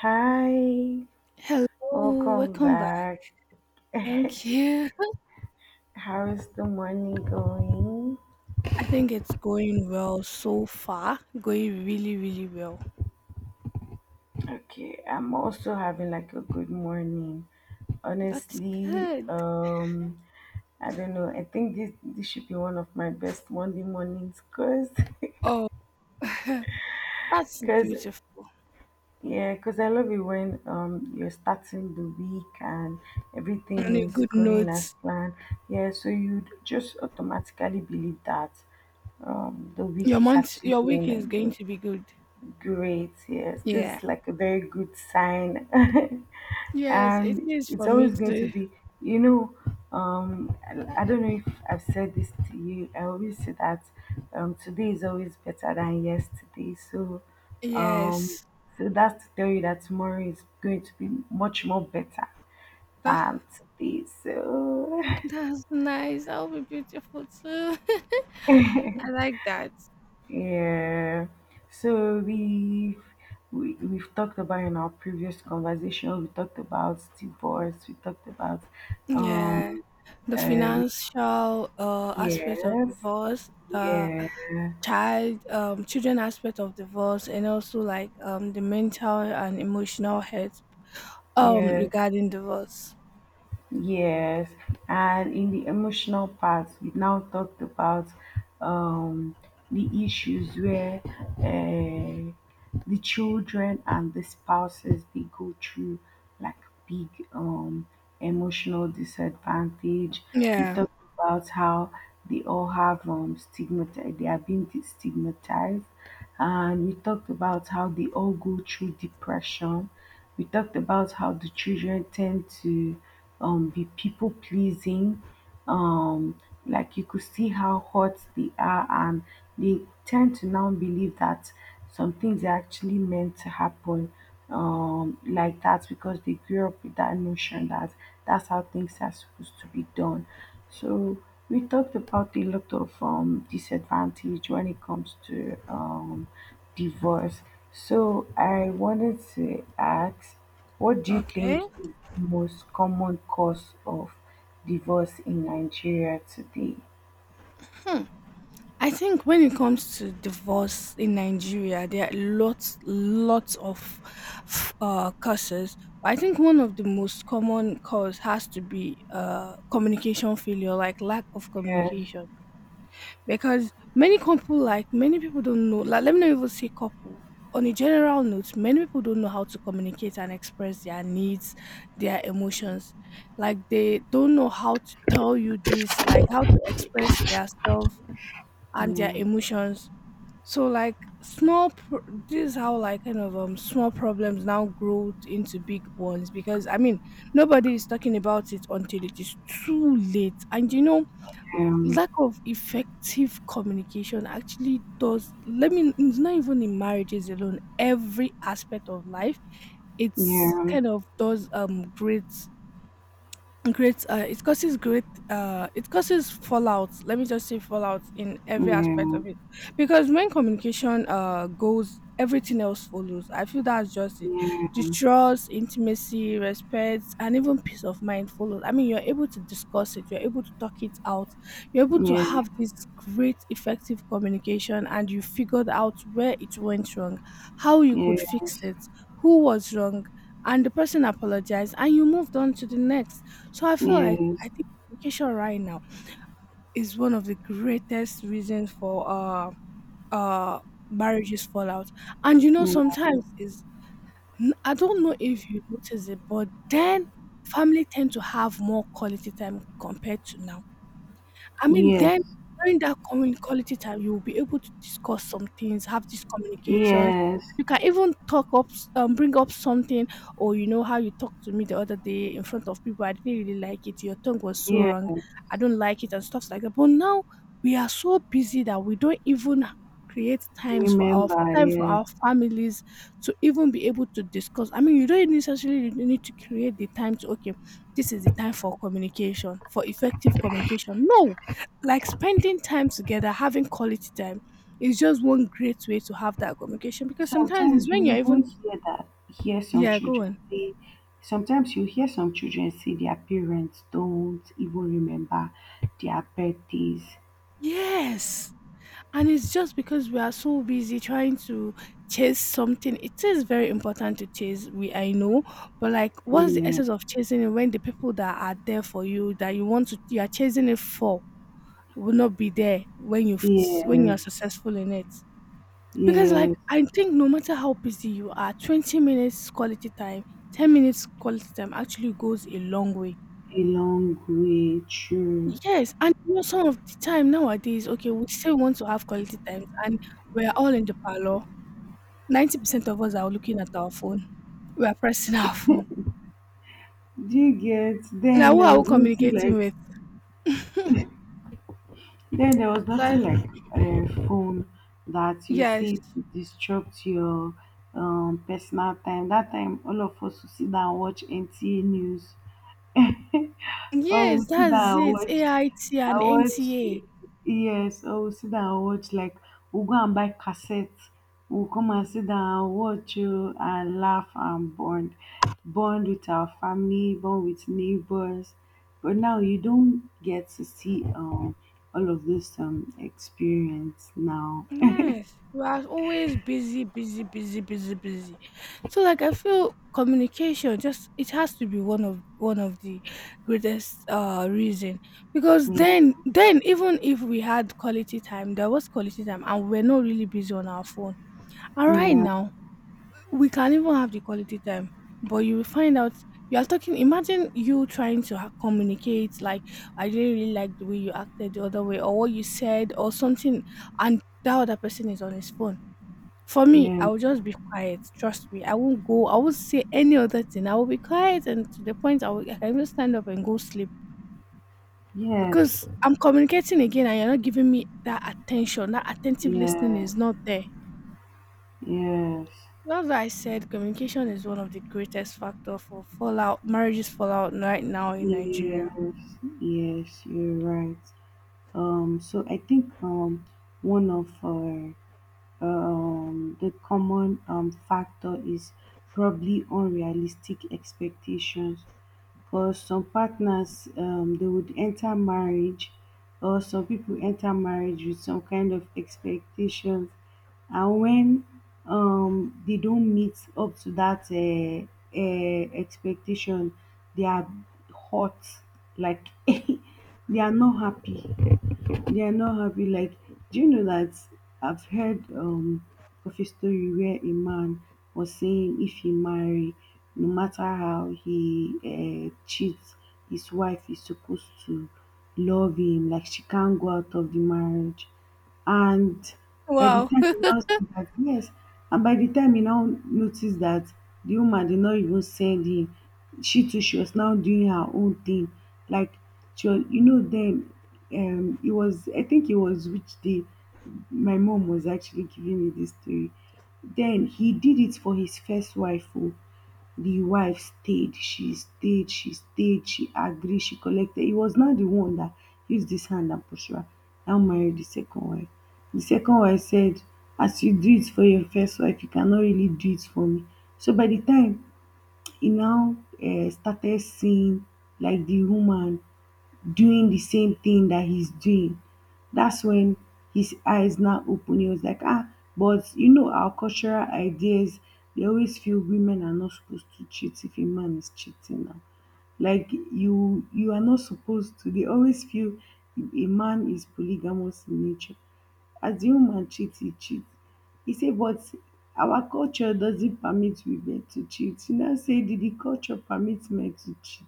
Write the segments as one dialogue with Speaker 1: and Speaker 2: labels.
Speaker 1: Hi,
Speaker 2: Hello,
Speaker 1: welcome
Speaker 2: welcome back.
Speaker 1: back.
Speaker 2: Thank you.
Speaker 1: How is the morning going?
Speaker 2: I think it's going well so far. Going really, really well.
Speaker 1: Okay, I'm also having like a good morning.
Speaker 2: That's
Speaker 1: Honestly,
Speaker 2: good.
Speaker 1: I don't know. I think this should be one of my best Monday mornings, cause,
Speaker 2: Oh, that's
Speaker 1: cause
Speaker 2: beautiful.
Speaker 1: yeah, cause I love it when you're starting the week and
Speaker 2: On
Speaker 1: everything
Speaker 2: a
Speaker 1: is
Speaker 2: good
Speaker 1: going
Speaker 2: note,
Speaker 1: as planned. Yeah, so you just automatically believe that the
Speaker 2: your
Speaker 1: week is
Speaker 2: month,
Speaker 1: actually
Speaker 2: your week
Speaker 1: going
Speaker 2: is going
Speaker 1: anyway.
Speaker 2: to be good.
Speaker 1: Great, yes. This
Speaker 2: Yeah.
Speaker 1: is like a very good sign.
Speaker 2: Yes, it
Speaker 1: And
Speaker 2: is
Speaker 1: it's
Speaker 2: for me
Speaker 1: always going to
Speaker 2: too.
Speaker 1: be, you know, I don't know if I've said this to you. I always say that today is always better than yesterday. So, um,
Speaker 2: Yes.
Speaker 1: so that's to tell you that tomorrow is going to be much more better
Speaker 2: Ah,
Speaker 1: than today. So,
Speaker 2: that's nice. That'll be beautiful too. I like that.
Speaker 1: Yeah. So we've talked about in our previous conversation, we talked about divorce, we talked about
Speaker 2: Yeah.
Speaker 1: um
Speaker 2: The
Speaker 1: uh,
Speaker 2: financial aspect of
Speaker 1: yes,
Speaker 2: divorce, the
Speaker 1: yeah,
Speaker 2: child children aspect of divorce, and also like the mental and emotional health
Speaker 1: yeah.
Speaker 2: regarding divorce.
Speaker 1: Yes, and in the emotional part, we now talked about um, the issues where uh, the children and the spouses they go through like big emotional disadvantage. We
Speaker 2: Yeah.
Speaker 1: talked about how they all have stigmatized, they are being stigmatized, and we talked about how they all go through depression. We talked about how the children tend to be people pleasing. Um, like you could see how hot they are, and they tend to now believe that some things are actually meant to happen like that because they grew up with that notion that that's how things are supposed to be done. So we talked about a lot of disadvantage when it comes to divorce, so I wanted to ask, what do you think
Speaker 2: Okay.
Speaker 1: is the most common cause of divorce in Nigeria today?
Speaker 2: I think when it comes to divorce in Nigeria, there are lots of causes. But I think one of the most common cause has to be communication failure, like lack of
Speaker 1: Yes.
Speaker 2: communication, because many couple, like many people don't know, like let me not even say couple, on a general note, many people don't know how to communicate and express their needs, their emotions. Like they don't know how to tell you this, like how to express their self and their
Speaker 1: Yeah.
Speaker 2: emotions. So like this is how, like, kind of small problems now grow into big ones, because I mean nobody is talking about it until it is too late, and you know lack of effective communication actually does, let me, it's not even in marriages alone, every aspect of life,
Speaker 1: Yeah.
Speaker 2: it's
Speaker 1: Yeah.
Speaker 2: kind of does great, great, it causes great, it causes fallout. Let me just say fallout in every aspect
Speaker 1: Yeah.
Speaker 2: of it, because when communication goes, everything else follows. I feel that's just it. The trust, intimacy, respect, and even peace of mind follows. I mean, you're able to discuss it, you're able to talk it out, you're able to
Speaker 1: Yeah.
Speaker 2: have this great, effective communication, and you figured out where it went wrong, how you
Speaker 1: Yeah.
Speaker 2: could
Speaker 1: Yes.
Speaker 2: fix it, who was wrong, and the person apologized, and you moved on to the next. So I feel like,
Speaker 1: Yes.
Speaker 2: I think communication right now is one of the greatest reasons for uh marriages fallout. And you know, sometimes is I don't know if you notice it, but then family tend to have more quality time compared to now. I mean,
Speaker 1: Yes.
Speaker 2: then
Speaker 1: Yes.
Speaker 2: during that commu quality time, you'll be able to discuss some things, have these communications.
Speaker 1: Yes.
Speaker 2: You can even talk up, bring up something, or you know how you talked to me the other day in front of people. I didn't really like it. Your tongue was so
Speaker 1: Yes.
Speaker 2: wrong. I don't like it, and stuff like that. But now we are so busy that we don't even create times for our
Speaker 1: Remember.
Speaker 2: time for
Speaker 1: Yes.
Speaker 2: our families to even be able to discuss. I mean, you don't necessarily need to create the time to, okay, this is the time for communication, for effective communication. No, like spending time together, having quality time is just one great way to have that communication, because sometimes it's
Speaker 1: Sometimes you
Speaker 2: when you're
Speaker 1: even
Speaker 2: even,
Speaker 1: hear that hear some
Speaker 2: yeah, go
Speaker 1: children
Speaker 2: on.
Speaker 1: say sometimes you hear some children say their parents don't even remember their birthdays.
Speaker 2: Yes. And it's just because we are so busy trying to chase something. It is very important to chase, we, I know, but like what's the
Speaker 1: Yeah.
Speaker 2: essence of chasing it when the people that are there for you that you want to, you are chasing it for, will not be there when you, when you
Speaker 1: Yes.
Speaker 2: are successful in it. Because, like,
Speaker 1: Yes.
Speaker 2: I think no matter how busy you are, 20 minutes quality time, 10 minutes quality time actually goes a long way.
Speaker 1: A long way true.
Speaker 2: Yes, and you know, some of the time nowadays, okay, we still want to have quality times, and we're all in the parlor. 90% of us are looking at our phone. We are pressing our phone.
Speaker 1: Do you get
Speaker 2: Now,
Speaker 1: then
Speaker 2: who
Speaker 1: there
Speaker 2: are we
Speaker 1: was nothing
Speaker 2: communicating
Speaker 1: like
Speaker 2: with?
Speaker 1: then there was
Speaker 2: So,
Speaker 1: nothing like a phone that you
Speaker 2: yes,
Speaker 1: see to disrupt your personal time. That time all of us would sit down and watch NTA news. Oh,
Speaker 2: yes,
Speaker 1: Sida,
Speaker 2: that's
Speaker 1: I
Speaker 2: it.
Speaker 1: watched.
Speaker 2: AIT
Speaker 1: I
Speaker 2: and
Speaker 1: watched.
Speaker 2: NTA.
Speaker 1: Yes. Oh, Sida, I watched. Like we'll go and buy cassettes. We'll come and sit down and watch you and laugh and bond, bond with our family, bond with neighbors. But now you don't get to see all of this experience now.
Speaker 2: Yes, we are always busy, busy, busy, busy, busy. So like I feel communication just, it has to be one of, one of the greatest reason, because
Speaker 1: Yeah.
Speaker 2: then even if we had quality time, there was quality time and we're not really busy on our phone. And right
Speaker 1: Yeah.
Speaker 2: now we can even have the quality time, but you will find out you are talking. Imagine you trying to communicate, like, I didn't really like the way you acted the other way, or what you said, or something, and that other person is on his phone. For me,
Speaker 1: Yeah.
Speaker 2: I will just be quiet. Trust me, I won't go. I won't say any other thing. I will be quiet, and to the point, I, will, I can just stand up and go sleep,
Speaker 1: Yes.
Speaker 2: because I'm communicating again, and you're not giving me that attention. That attentive listening is
Speaker 1: Yes.
Speaker 2: not there.
Speaker 1: Yes.
Speaker 2: Well, as I said, communication is one of the greatest factor for fallout, marriages fallout right now in Nigeria.
Speaker 1: Yes. Yes. You're right. So I think one of the common factor is probably unrealistic expectations. Because some partners they would enter marriage, or some people enter marriage with some kind of expectations, and when they don't meet up to that expectation, they are hot. Like they are not happy. Like, do you know that I've heard of a story where a man was saying if he marry, no matter how he cheats, his wife is supposed to love him. Like she can't go out of the marriage. And by the
Speaker 2: Wow.
Speaker 1: time he now see that yes, and by the time he now noticed that the woman did not even send him, she too she was now doing her own thing. Like she was, you know, then it was I think it was which day my mom was actually giving me this story. Then he did it for his first wife. Oh. The wife stayed, she stayed, she stayed, she agreed, she collected. It was not the one that used this hand and pushed her. Now married the second wife. The second wife said, as you do it for your first wife, you cannot really do it for me. So by the time he now started seeing like the woman doing the same thing that he's doing. That's when his eyes now open. He was like, ah, but you know, our cultural ideas, they always feel women are not supposed to cheat if a man is cheating now. Like you are not supposed to, they always feel a man is polygamous in nature, as the woman cheat he cheat, he said. But our culture doesn't permit women to cheat, she now say, did the culture permit men to cheat?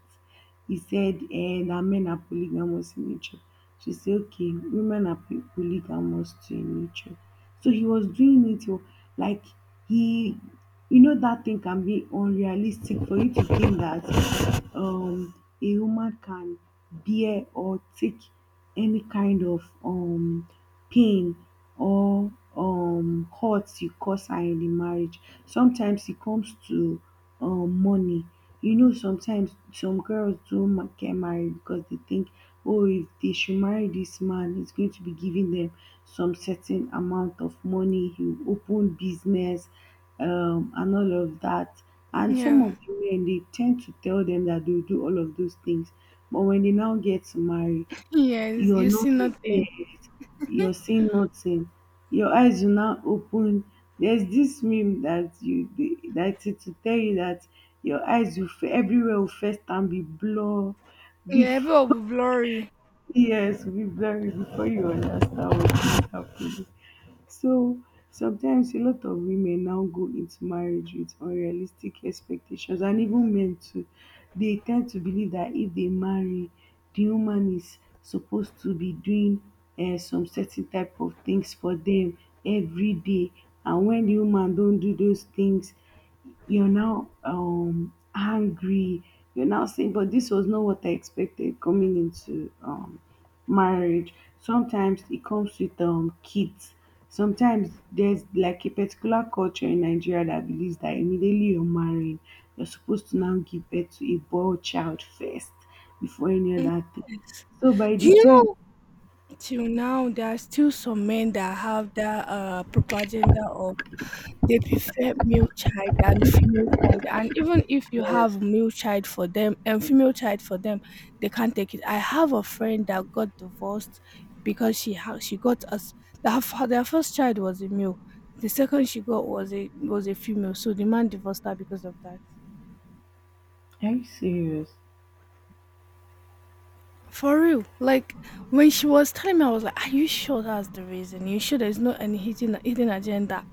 Speaker 1: He said eh, that men are polygamous in nature. She said okay, women are polygamous too in nature. So he was doing it oh, like he, you know that thing can be unrealistic for you to think that um a woman can bear or take any kind of pain or hurt you cause her in the marriage. Sometimes it comes to money. You know sometimes some girls don't get married because they think oh if they should marry this man he's going to be giving them some certain amount of money, he will open business and all of that. And some
Speaker 2: Yeah.
Speaker 1: of the men they tend to tell them that they'll do all of those things. But when they now get married,
Speaker 2: Yes,
Speaker 1: your
Speaker 2: you see
Speaker 1: not be you're
Speaker 2: nothing.
Speaker 1: seeing nothing, your eyes will now open. There's this meme that you dey that it will tell you that your eyes will everywhere will first and be blur
Speaker 2: Yeah, everyone
Speaker 1: before
Speaker 2: will be blurry.
Speaker 1: yes, will be blurry before you understand what is happening. So sometimes a lot of women now go into marriage with unrealistic expectations and even men too. They tend to believe that if they marry, the woman is supposed to be doing some certain type of things for them every day. And when the woman don't do those things, you're now angry. You're now saying, but this was not what I expected coming into marriage. Sometimes it comes with kids. Sometimes there's like a particular culture in Nigeria that believes that immediately you're married, you're supposed to now give birth to a boy child first before any
Speaker 2: Mm.
Speaker 1: other thing.
Speaker 2: Yes.
Speaker 1: So by
Speaker 2: Do
Speaker 1: the
Speaker 2: you
Speaker 1: time
Speaker 2: know, till now there are still some men that have that propaganda. They prefer male child than female child. And even if you
Speaker 1: yes,
Speaker 2: have male child for them and female child for them, they can't take it. I have a friend that got divorced because she got us, their their first child was a male. The second she got was a female. So the man divorced her because of that.
Speaker 1: are you serious?
Speaker 2: For real. Like when she was telling me, I was like, are you sure that's the reason? You sure there's no any hidden agenda?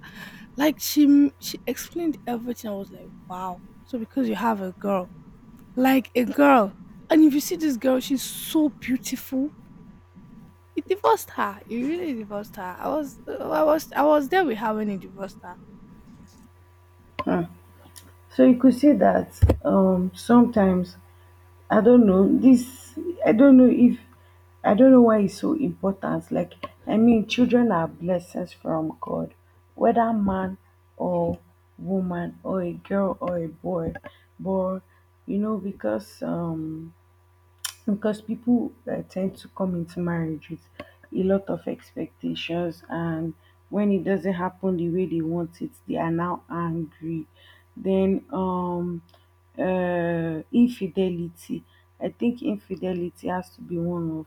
Speaker 2: Like she explained everything. I was like, wow. So because you have a girl, like a girl. And if you see this girl, she's so beautiful. He divorced her. He really divorced her. I was there with her when he divorced her.
Speaker 1: So you could see that sometimes I don't know this I don't know if I don't know why it's so important. Like I mean, children are blessings from God, whether man or woman or a girl or a boy. But you know, because people tend to come into marriage with a lot of expectations and when it doesn't happen the way they want it they are now angry. Then infidelity, I think infidelity has to be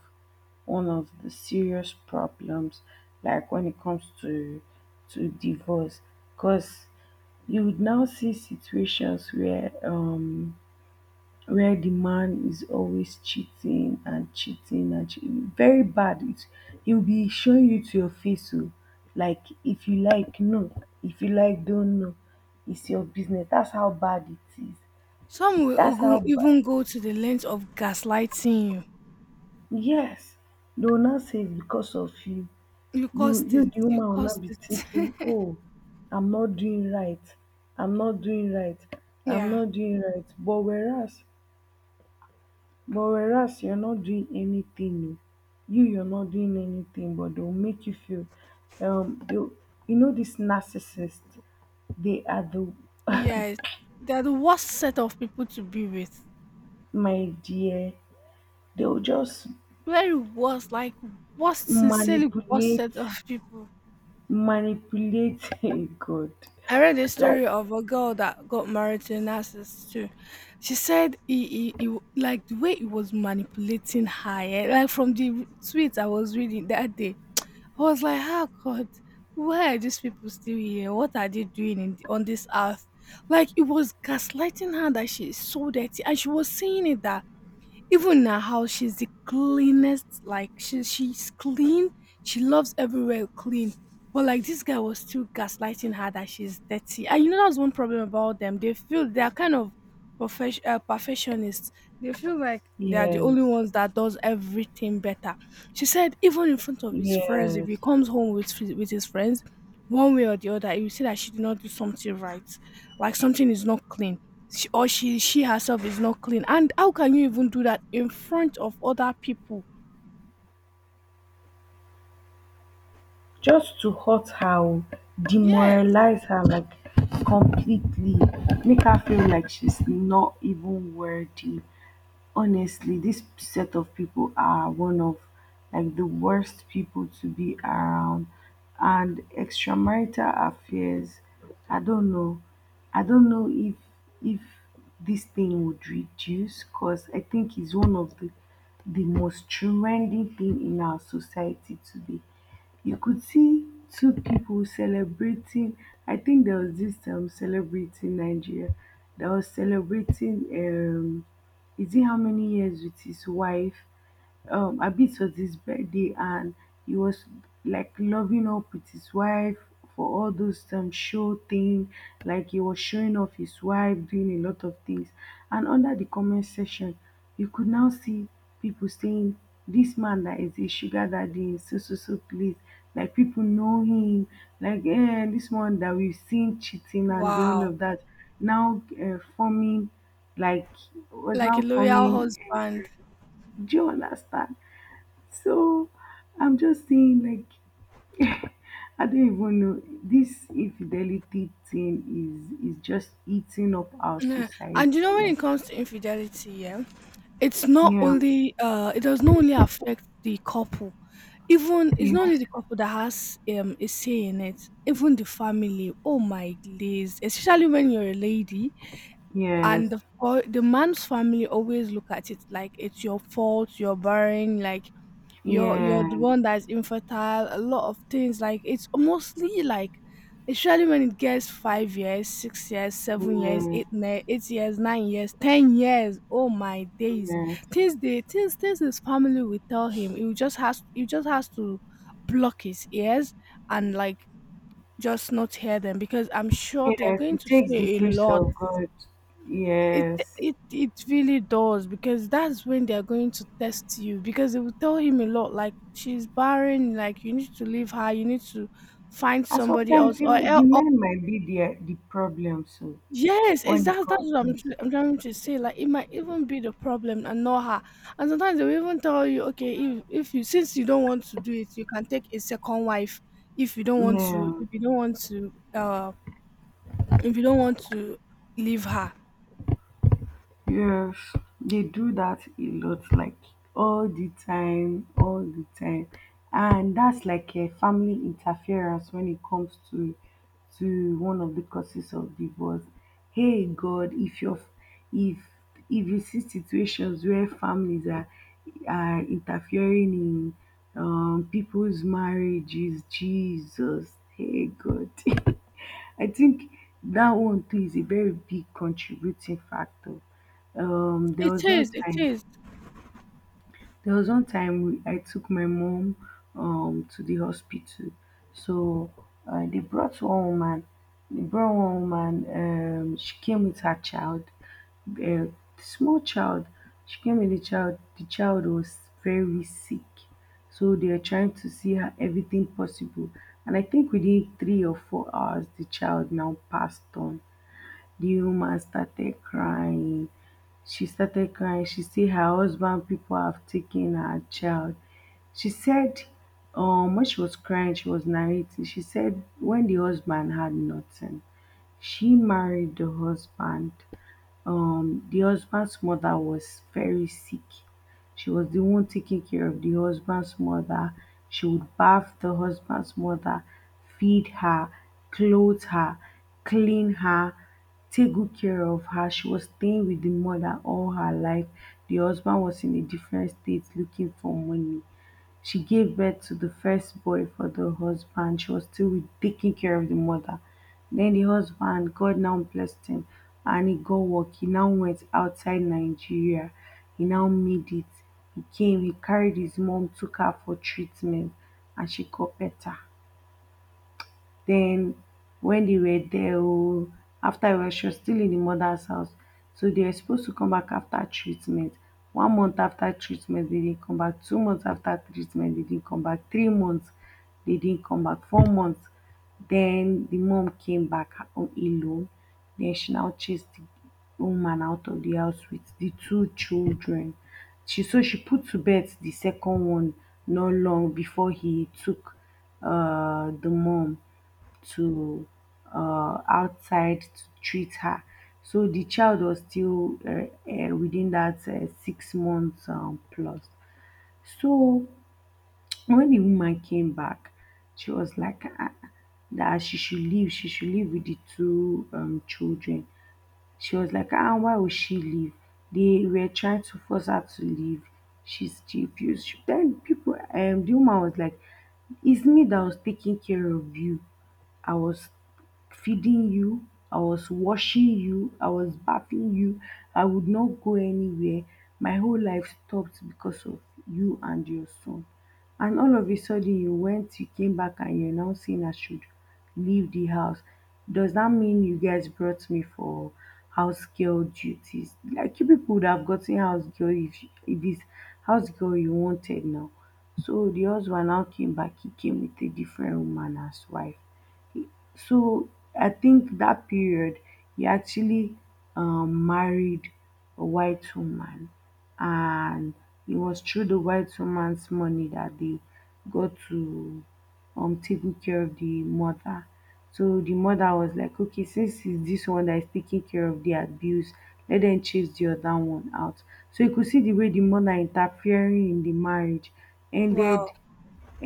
Speaker 1: one of the serious problems, like when it comes to divorce, because you would now see situations where the man is always cheating and cheating and cheating. Very bad. It, he'll be showing you to your face. So, like, if you like, no. If you like, don't know. It's your business. That's how bad it is.
Speaker 2: Some will
Speaker 1: That's how bad.
Speaker 2: even go to the length of gaslighting you.
Speaker 1: Yes. They will not say it's because of you.
Speaker 2: You
Speaker 1: You,
Speaker 2: caused
Speaker 1: you,
Speaker 2: it.
Speaker 1: the
Speaker 2: You
Speaker 1: woman, will not
Speaker 2: caused
Speaker 1: be
Speaker 2: it.
Speaker 1: thinking, oh, I'm not doing right. I'm not doing right. I'm
Speaker 2: Yeah.
Speaker 1: not doing right. But whereas you're not doing anything oh, you're not doing anything but they'll make you feel they'll, you know these narcissists they are the
Speaker 2: Yes. They're the worst set of people to be with.
Speaker 1: my dear, they'll just
Speaker 2: Very worst, like worst, sincerely worst
Speaker 1: manipulate,
Speaker 2: set of people.
Speaker 1: manipulate. Hey god,
Speaker 2: I read a
Speaker 1: like
Speaker 2: story of a girl that got married to a narcissist too. She said like the way he was manipulating her. Eh, like from the tweets I was reading that day, I was like, "How, God? Why are these people still here? What are they doing in, on this earth?" Like, it was gaslighting her that she is so dirty, and she was saying it that even in her house, she's the cleanest. Like she's clean. She loves everywhere clean. But like this guy was still gaslighting her that she's dirty. And you know, that's one problem about them. They feel they are kind of perfection, perfectionists. They feel like they are the
Speaker 1: yes
Speaker 2: only ones that does everything better. She said even in front of his friends, if
Speaker 1: yes
Speaker 2: he comes home with his friends, one way or the other, you see that she did not do something right. Like something is not clean, or she herself is not clean. And how can you even do that in front of other people?
Speaker 1: just to hurt her oh,
Speaker 2: Yes.
Speaker 1: demoralize her like completely make her feel like she's not even worthy. Honestly this set of people are one of like the worst people to be around. And extramarital affairs, i don't know I don't know if this thing would reduce because I think it's one of the most trending thing in our society today. You could see two people celebrating. I think there was this celebrating Nigeria that was celebrating is it how many years with his wife? Abis was his birthday and he was like loving up with his wife for all those show thing, like he was showing off his wife doing a lot of things, and under the comment section you could now see people saying this man that is a sugar daddy is so so so please, like people know him, like eh, this one that we've seen cheating and the all
Speaker 2: Wow.
Speaker 1: of that, now forming, like was
Speaker 2: Like a
Speaker 1: now
Speaker 2: loyal
Speaker 1: forming eh,
Speaker 2: husband.
Speaker 1: do you understand? So I'm just saying, like, I don't even know. This infidelity thing is just eating up our
Speaker 2: Yeah.
Speaker 1: society.
Speaker 2: And you know, when
Speaker 1: Like,
Speaker 2: it comes to infidelity, yeah, it's not
Speaker 1: yeah,
Speaker 2: only it does not only affect the couple. Even it's not only
Speaker 1: yes,
Speaker 2: the couple that has a say in it. Even the family, oh my days, especially when you're a lady,
Speaker 1: yes,
Speaker 2: and the man's family always look at it like it's your fault, you're barren. Like you're
Speaker 1: yeah,
Speaker 2: the one that's infertile, a lot of things. Like it's mostly like, especially when it gets 5 years, 6 years, 7 years,
Speaker 1: yeah,
Speaker 2: 8 years, 9 years, 10 years, oh my days,
Speaker 1: yes,
Speaker 2: things they things things his family will tell him, he will just has, he just has to block his ears, and like just not hear them, because I'm sure they're
Speaker 1: yes.
Speaker 2: going
Speaker 1: It
Speaker 2: to
Speaker 1: takes the
Speaker 2: say a
Speaker 1: grace
Speaker 2: lot.
Speaker 1: of God.
Speaker 2: it
Speaker 1: Yes,
Speaker 2: it really does, because that's when they are going to test you, because they will tell him a lot, like she's barren, like you need to leave her, you need to find
Speaker 1: and
Speaker 2: somebody
Speaker 1: sometimes
Speaker 2: else, or
Speaker 1: even the
Speaker 2: or,
Speaker 1: men might be the problem. So
Speaker 2: yes, it's
Speaker 1: when it
Speaker 2: that, that's
Speaker 1: comes,
Speaker 2: what I'm,
Speaker 1: yes,
Speaker 2: I'm trying to say, like, it might even be the problem and not her. And sometimes they will even tell you, okay, if you, since you don't want to do it, you can take a second wife, if you don't want
Speaker 1: yeah.
Speaker 2: to, if you don't want to if you don't want to leave her.
Speaker 1: Yes, they do that a lot, like all the time, and that's like a family interference when it comes to one of the causes of divorce. Hey God, if if you see situations where families are interfering in people's marriages, Jesus, hey God. I think that one too is a very big contributing factor. Um, there
Speaker 2: It
Speaker 1: was
Speaker 2: is,
Speaker 1: one
Speaker 2: it
Speaker 1: time,
Speaker 2: is.
Speaker 1: there was one time I took my mom to the hospital. So they brought one woman. They brought one woman. She came with her child, a small child. She came with the child. The child was very sick. So they are trying to see her everything possible. And I think within 3 or 4 hours, the child now passed on. Leo Ma started crying. She started crying. She said her husband people have taken her child. She said, when she was crying, she was narrating. She said, when the husband had nothing, she married the husband the husband's mother was very sick. She was the one taking care of the husband's mother. She would bath the husband's mother, feed her, clothe her, clean her, take good care of her. She was staying with the mother all her life. The husband was in a different state looking for money. She gave birth to the first boy for the husband. She was still taking care of the mother. Then the husband, God now blessed him and he got work. He now went outside Nigeria. He now made it. He came, he carried his mom, took her for treatment, and she got better. Then wen dey were there ooo, after, well, she was still in the mother's house, so they were supposed to come back after treatment. 1 month after treatment they didn't come back, 2 months after treatment they didn't come back, 3 months they didn't come back, 4 months. Then the mom came back on alone, then she now chased the woman out of the house with the two children. She put to birth the second one not long before he took the mom to outside to treat her. So the child was still within that 6 months plus. So when the woman came back, she was like that she should leave. She should leave with the two children. She was like, ah, why would she leave? They were trying to force her to leave. She refused. Then people, the woman was like, it's me that was taking care of you. I was feeding you, I was washing you, I was bathing you, I would not go anywhere. My whole life stopped because of you and your son. And all of a sudden, you went, you came back, and you're now saying I should leave the house. Does that mean you guys brought me for house girl duties? Like, you people would have gotten house girl if it's house girl you wanted now. So the husband now came back, he came with a different woman as wife. So I think that period he actually married a white woman, and it was through the white woman's money that they got to taking care of the mother. So the mother was like, okay, since it's this one that is taking care of the abuse, let them chase the other one out. So you could see the way the mother interfering in the marriage
Speaker 2: Wow.
Speaker 1: ended,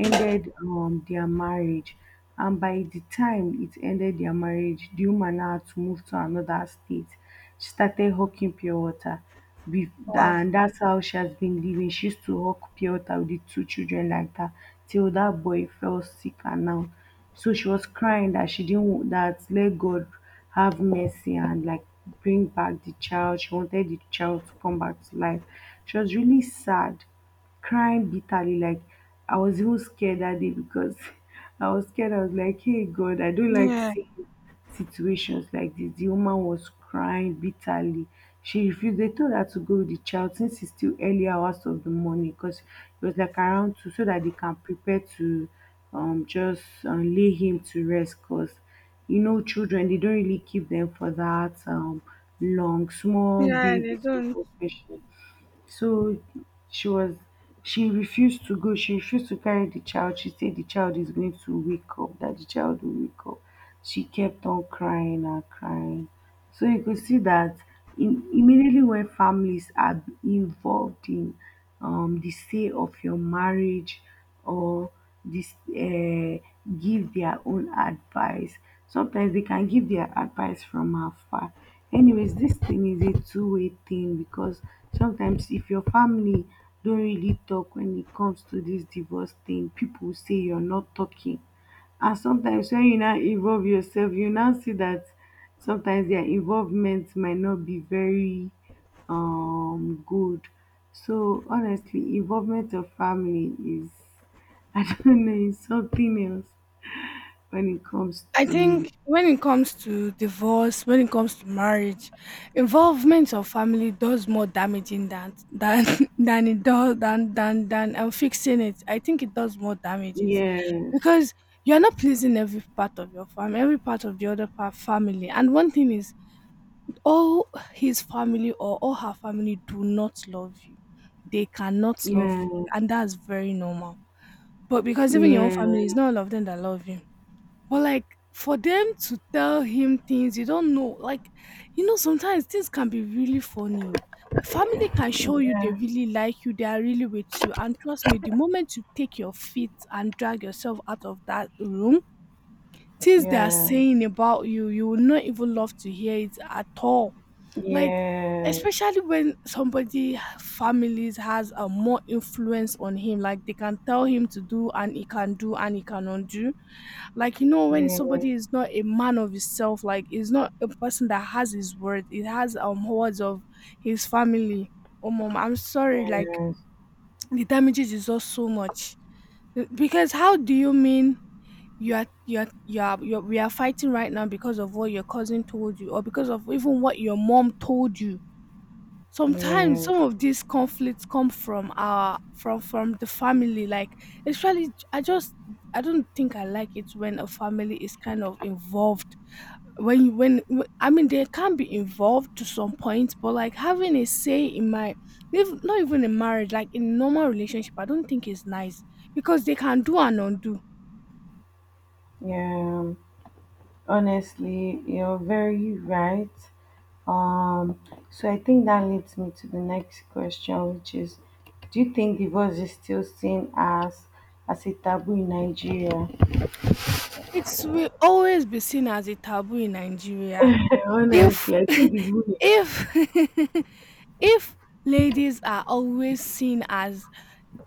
Speaker 1: ended their marriage. And by the time it ended their marriage, the woman now had to move to another state. She started hawking pure water with,
Speaker 2: Wow.
Speaker 1: and that's how she has been living. She used to hawk pure water with the two children like that till that boy fell sick and now. So she was crying that she didn't wa- that let God have mercy and like bring back the child. She wanted the child to come back to life. She was really sad, crying bitterly. Like, I was even scared that day because I was scared. I was like, "Hey God, I don't like
Speaker 2: Yeah.
Speaker 1: seeing situations like this." The woman was crying bitterly. She refused. They told her to go with the child since it's still early hours of the morning because it was like around two, so that they can prepare to just lay him to rest. Cause you know, children they don't really keep them for that long, small
Speaker 2: Yeah, they
Speaker 1: babies,
Speaker 2: don't.
Speaker 1: especially. So she was, she refused to go, she refused to carry the child. She said the child is going to wake up, that the child will wake up. She kept on crying and crying. So you could see that immediately when families are involved in the say of your marriage or this give their own advice, sometimes they can give their advice from afar. Anyways, this thing is a two-way thing because sometimes if your family don't really talk when it comes to this divorce thing, people say you're not talking. And sometimes when you now involve yourself, you now see that sometimes their involvement might not be very good. So honestly, involvement of family is, I don't know, it's something else when it comes
Speaker 2: I think
Speaker 1: to.
Speaker 2: when it comes to divorce, when it comes to marriage, involvement of family does more damaging than than it does, than and fixing it. I think it does more damages,
Speaker 1: Yes.
Speaker 2: because you're not pleasing every part of your family, every part of the other part family. And one thing is, all his family or all her family do not love you. They cannot love
Speaker 1: Yeah,
Speaker 2: you, and that's very normal. But because even your own
Speaker 1: yeah,
Speaker 2: family,
Speaker 1: yeah,
Speaker 2: it's not all of them that love you. But like for them to tell him things you don't know, like, sometimes things can be really funny. Oh. Family can show you they really like you, they are really with you. And trust me, the moment you take your feet and drag yourself out of that room, things they are
Speaker 1: yeah,
Speaker 2: saying about you, you will not even love to hear it at all. Like,
Speaker 1: yeah, yeah,
Speaker 2: especially when somebody families has a more influence on him, like they can tell him to do and he can do and he cannot do. Like, when somebody is not a man of himself, like is not a person that has his word, it has words of his family. Oh mom, I'm sorry, like
Speaker 1: yeah,
Speaker 2: the damages is just so much. Because how do you mean you're, we are fighting right now because of what your cousin told you or because of even what your mom told you. Sometimes
Speaker 1: yeah,
Speaker 2: some of these conflicts come from our from the family, like actually, I don't think I like it when a family is kind of involved. When you when when- i mean they can be involved to some point, but like having a say in my, not even in marriage, like in normal relationship, I don't think is nice, because they can do and undo.
Speaker 1: yeah. Honestly, you're very right. Um, so I think that leads me to the next question, which is, do you think divorce is still seen as a taboo in Nigeria?
Speaker 2: It will always be seen as a taboo in Nigeria. They
Speaker 1: Honestly, I think it's weird.
Speaker 2: if if Ladies are always seen as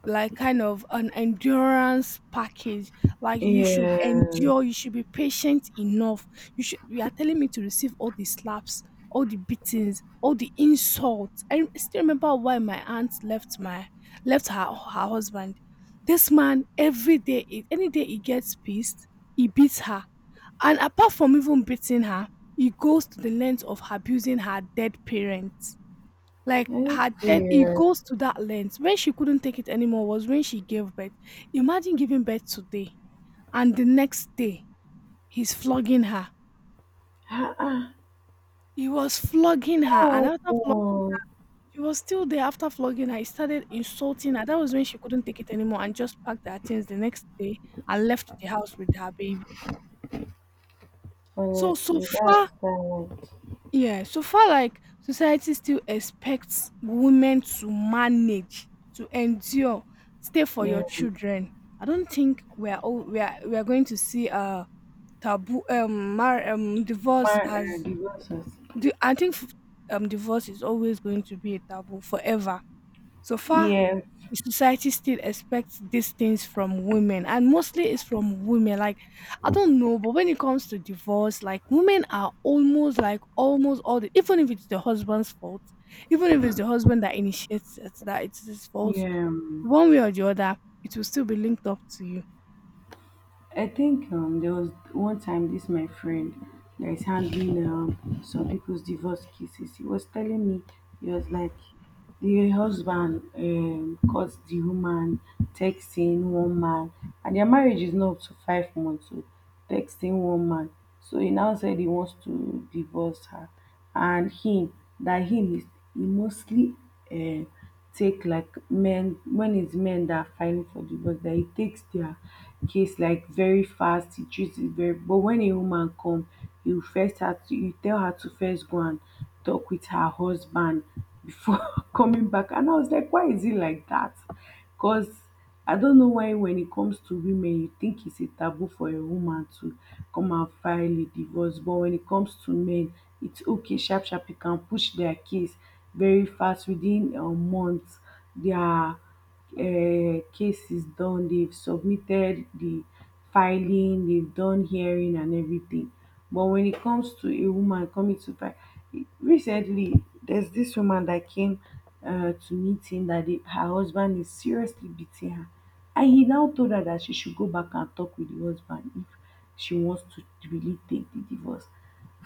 Speaker 2: like kind of an endurance package, like you should
Speaker 1: Yeah.
Speaker 2: endure, you should be patient enough. You are telling me to receive all the slaps, all the beatings, all the insults. I still remember why my aunt left her husband. This man, every day, any day he gets pissed, he beats her. And apart from even beating her, he goes to the length of abusing her dead parents, like
Speaker 1: Are
Speaker 2: her death,
Speaker 1: you?
Speaker 2: it goes to that length. When she couldn't take it anymore was when she gave birth. Imagine giving birth today, and the next day he's flogging her.
Speaker 1: Ah, ah.
Speaker 2: He was flogging her, and
Speaker 1: What
Speaker 2: after flogging,
Speaker 1: happened?
Speaker 2: she was still there. After flogging her, he started insulting her. That was when she couldn't take it anymore, and just packed her things the next day and left the house with her baby. So
Speaker 1: Honestly, that's
Speaker 2: far.
Speaker 1: bad.
Speaker 2: Yeah, so far, like society still expects women to manage, to endure, stay for
Speaker 1: Yeah,
Speaker 2: your children. I don't think we are all, we are going to see
Speaker 1: my
Speaker 2: divorce as
Speaker 1: divorces.
Speaker 2: the I think divorce is always going to be a taboo forever. So far,
Speaker 1: Yeah,
Speaker 2: the society still expects these things from women, and mostly it's from women. Like, I don't know, but when it comes to divorce, like women are almost, like almost all the, even if it's the husband's fault, even if it's the husband that initiates it, that it's his fault,
Speaker 1: yeah.
Speaker 2: one way or the other, it will still be linked up to you.
Speaker 1: I think there was one time this my friend that is handling some people's divorce cases. He was telling me, he was like, the husband caught the woman texting one man, and their marriage is not up to 5 months. So texting one man, so he now said he wants to divorce her, and him, that him is, he mostly uh, take like men when it's men that are fighting for divorce, that he takes their case like very fast. He treats it very. But when a woman come, he will first have to you tell her to first go and talk with her husband before coming back. And I was like, why is it like that? Because I don't know why when it comes to women, you think it's a taboo for a woman to come and file a divorce. But when it comes to men, it's okay, sharp, sharp. You can push their case very fast within a month. Their case is done. They've submitted the filing, they've done hearing and everything. But when it comes to a woman coming to buy, recently there's this woman that came to meet him that her husband is seriously beating her. And he now told her that she should go back and talk with the husband if she wants to really take the divorce.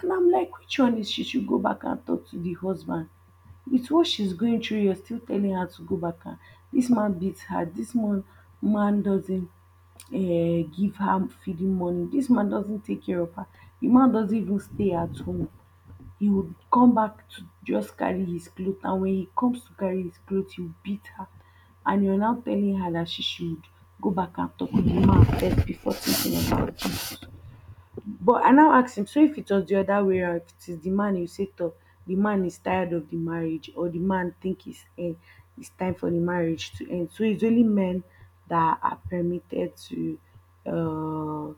Speaker 1: And I'm like, which one is she should go back and talk to the husband? With what she's going through, you're still telling her to go back. And this man beats her, this man doesn't give her feeding money, dis man doesn't take care of her, the man doesn't even stay at home. He would come back to just carry his cloth, and when he comes to carry his cloth he will beat her. And you're now telling her that she should go back and talk to the man first before thinking about it. But I now ask him, so if it was the other way round, if it is di man usator the man is tired of the marriage or the man think it's time for the marriage to end, so it's only men that are permitted to uh,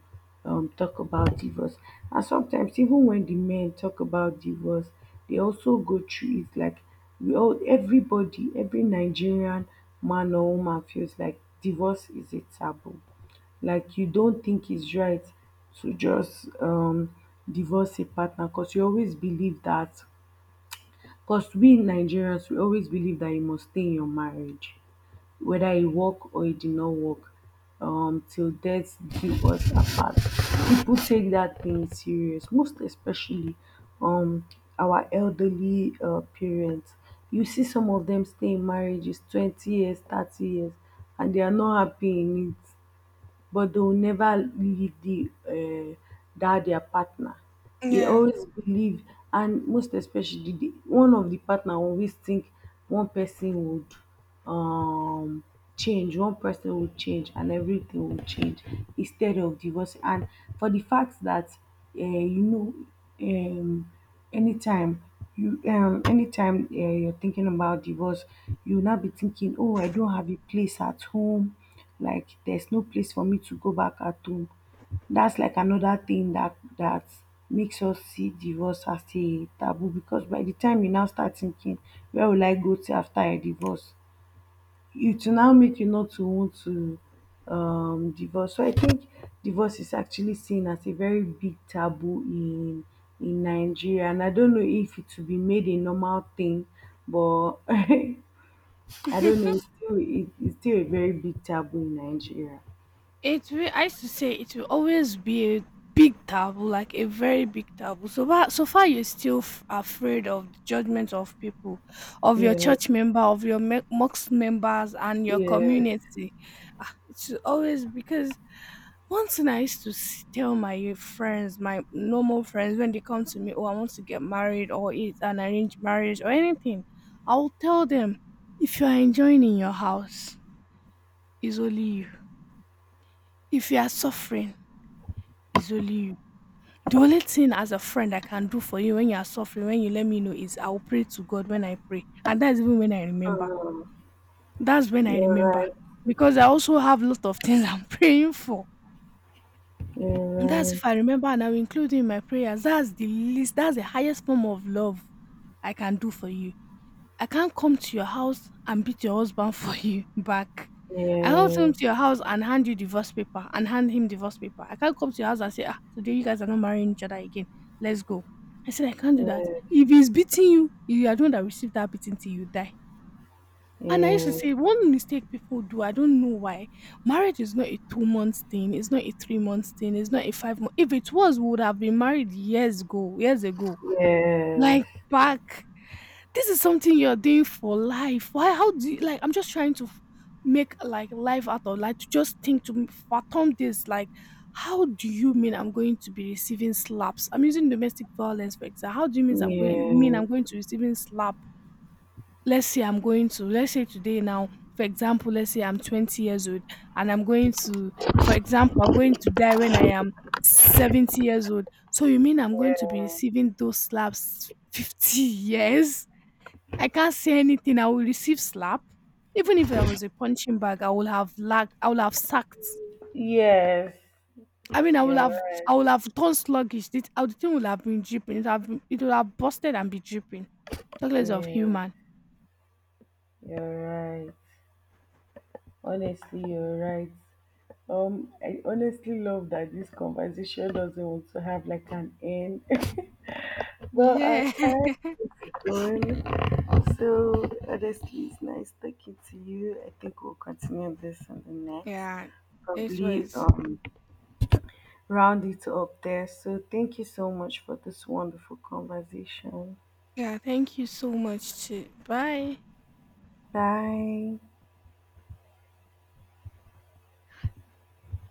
Speaker 1: talk about divorce. And sometimes even when the men talk about divorce, they also go through it. Like, we all, everybody, every Nigerian man or woman feels like divorce is a taboo. Like, you don't think it's right to just divorce a partner, because you always believe that, because we Nigerians we always believe that you must stay in your marriage whether it work or it did not work, till death do us apart. People take that thing serious, most especially um our elderly parents. You see some of them stay in marriages 20 years, 30 years, and they are not happy in it. But they'll never leave the that their partner. They
Speaker 2: Yeah.
Speaker 1: always believe, and most especially one of the partner always think one person would um change, one person would change, and everything will change instead of divorce. And for the fact that you know, um, anytime you anytime you're thinking about divorce, you'll not be thinking, oh, I don't have a place at home, like there's no place for me to go back at home. That's like another thing that makes us see divorce as a taboo, because by the time you now start thinking where will I go to after I divorce, it will now make you not to want to divorce. So I think divorce is actually seen as a very big taboo in Nigeria, and I don't know if it will be made a normal thing, but I don't know, it's still it's still a very big taboo in Nigeria.
Speaker 2: It will. I used to say it will always be a big taboo, like a very big taboo. So far, so far, you're still afraid of the judgment of people, of your
Speaker 1: Yes.
Speaker 2: church member, of your mosque members, and your
Speaker 1: Yes.
Speaker 2: community. Ah, it's always because one thing I used to tell my friends, my normal friends, when they come to me, oh, I want to get married, or it's an arranged marriage, or anything, I'll tell them, if you are enjoying in your house, it's only you. If you are suffering, it's only you. The only thing as a friend I can do for you when you are suffering, when you let me know, is I will pray to God when I pray. And that's even when I remember.
Speaker 1: Um,
Speaker 2: That's when I
Speaker 1: you're
Speaker 2: remember.
Speaker 1: right.
Speaker 2: Because I also have a lot of things I'm praying for.
Speaker 1: You're
Speaker 2: And that's
Speaker 1: right.
Speaker 2: if I remember, and I will include in my prayers. That's the least, that's the highest form of love I can do for you. I can't come to your house and beat your husband for you back. I can't come
Speaker 1: Yes,
Speaker 2: to your house and hand you divorce paper and hand him divorce paper. I can't come to your house and say, ah, today you guys are not marrying each other again. Let's go. I said, I can't do that.
Speaker 1: yes,
Speaker 2: If he's beating you, you are the one that received that beating till you die. And I used to
Speaker 1: yes,
Speaker 2: say, one mistake people do, I don't know why. Marriage is not a 2-month thing, it's not a 3-month thing, it's not a 5-month. If it was, we would have been married years ago, years ago.
Speaker 1: yes,
Speaker 2: Like,
Speaker 1: yes,
Speaker 2: back, this is something you're doing for life. Why? How do you like? I'm just trying to make like life out of like to just think to fathom this. Like, how do you mean I'm going to be receiving slaps? I'm using domestic violence, for example. How do you mean I'm
Speaker 1: yes.
Speaker 2: going mean I'm
Speaker 1: You're
Speaker 2: going to receiving slap? Let's say I'm going to. Let's say today now. For example, let's say I'm 20 years old and I'm going to. For example, I'm going to die when I am 70 years old. So you mean I'm going to be receiving those slaps 50 years? I can't say anything. I will receive slap. Even if I was a punching bag, I would have lagged. I would have sucked. I mean, I would have.
Speaker 1: right.
Speaker 2: I would have turned sluggish. This, I the thing would have been dripping. It would have busted and be dripping. Talk less of
Speaker 1: Yeah,
Speaker 2: human.
Speaker 1: you're right. Honestly, you're right. I honestly love that this conversation doesn't want to have like an end. Well, our
Speaker 2: Yeah.
Speaker 1: time is gone. So honestly, it's nice talking to you. I think we'll continue this on the next,
Speaker 2: Yeah. It
Speaker 1: probably
Speaker 2: was.
Speaker 1: round it up there. So thank you so much for this wonderful conversation.
Speaker 2: Yeah. Thank you so much. Too. Bye.
Speaker 1: Bye.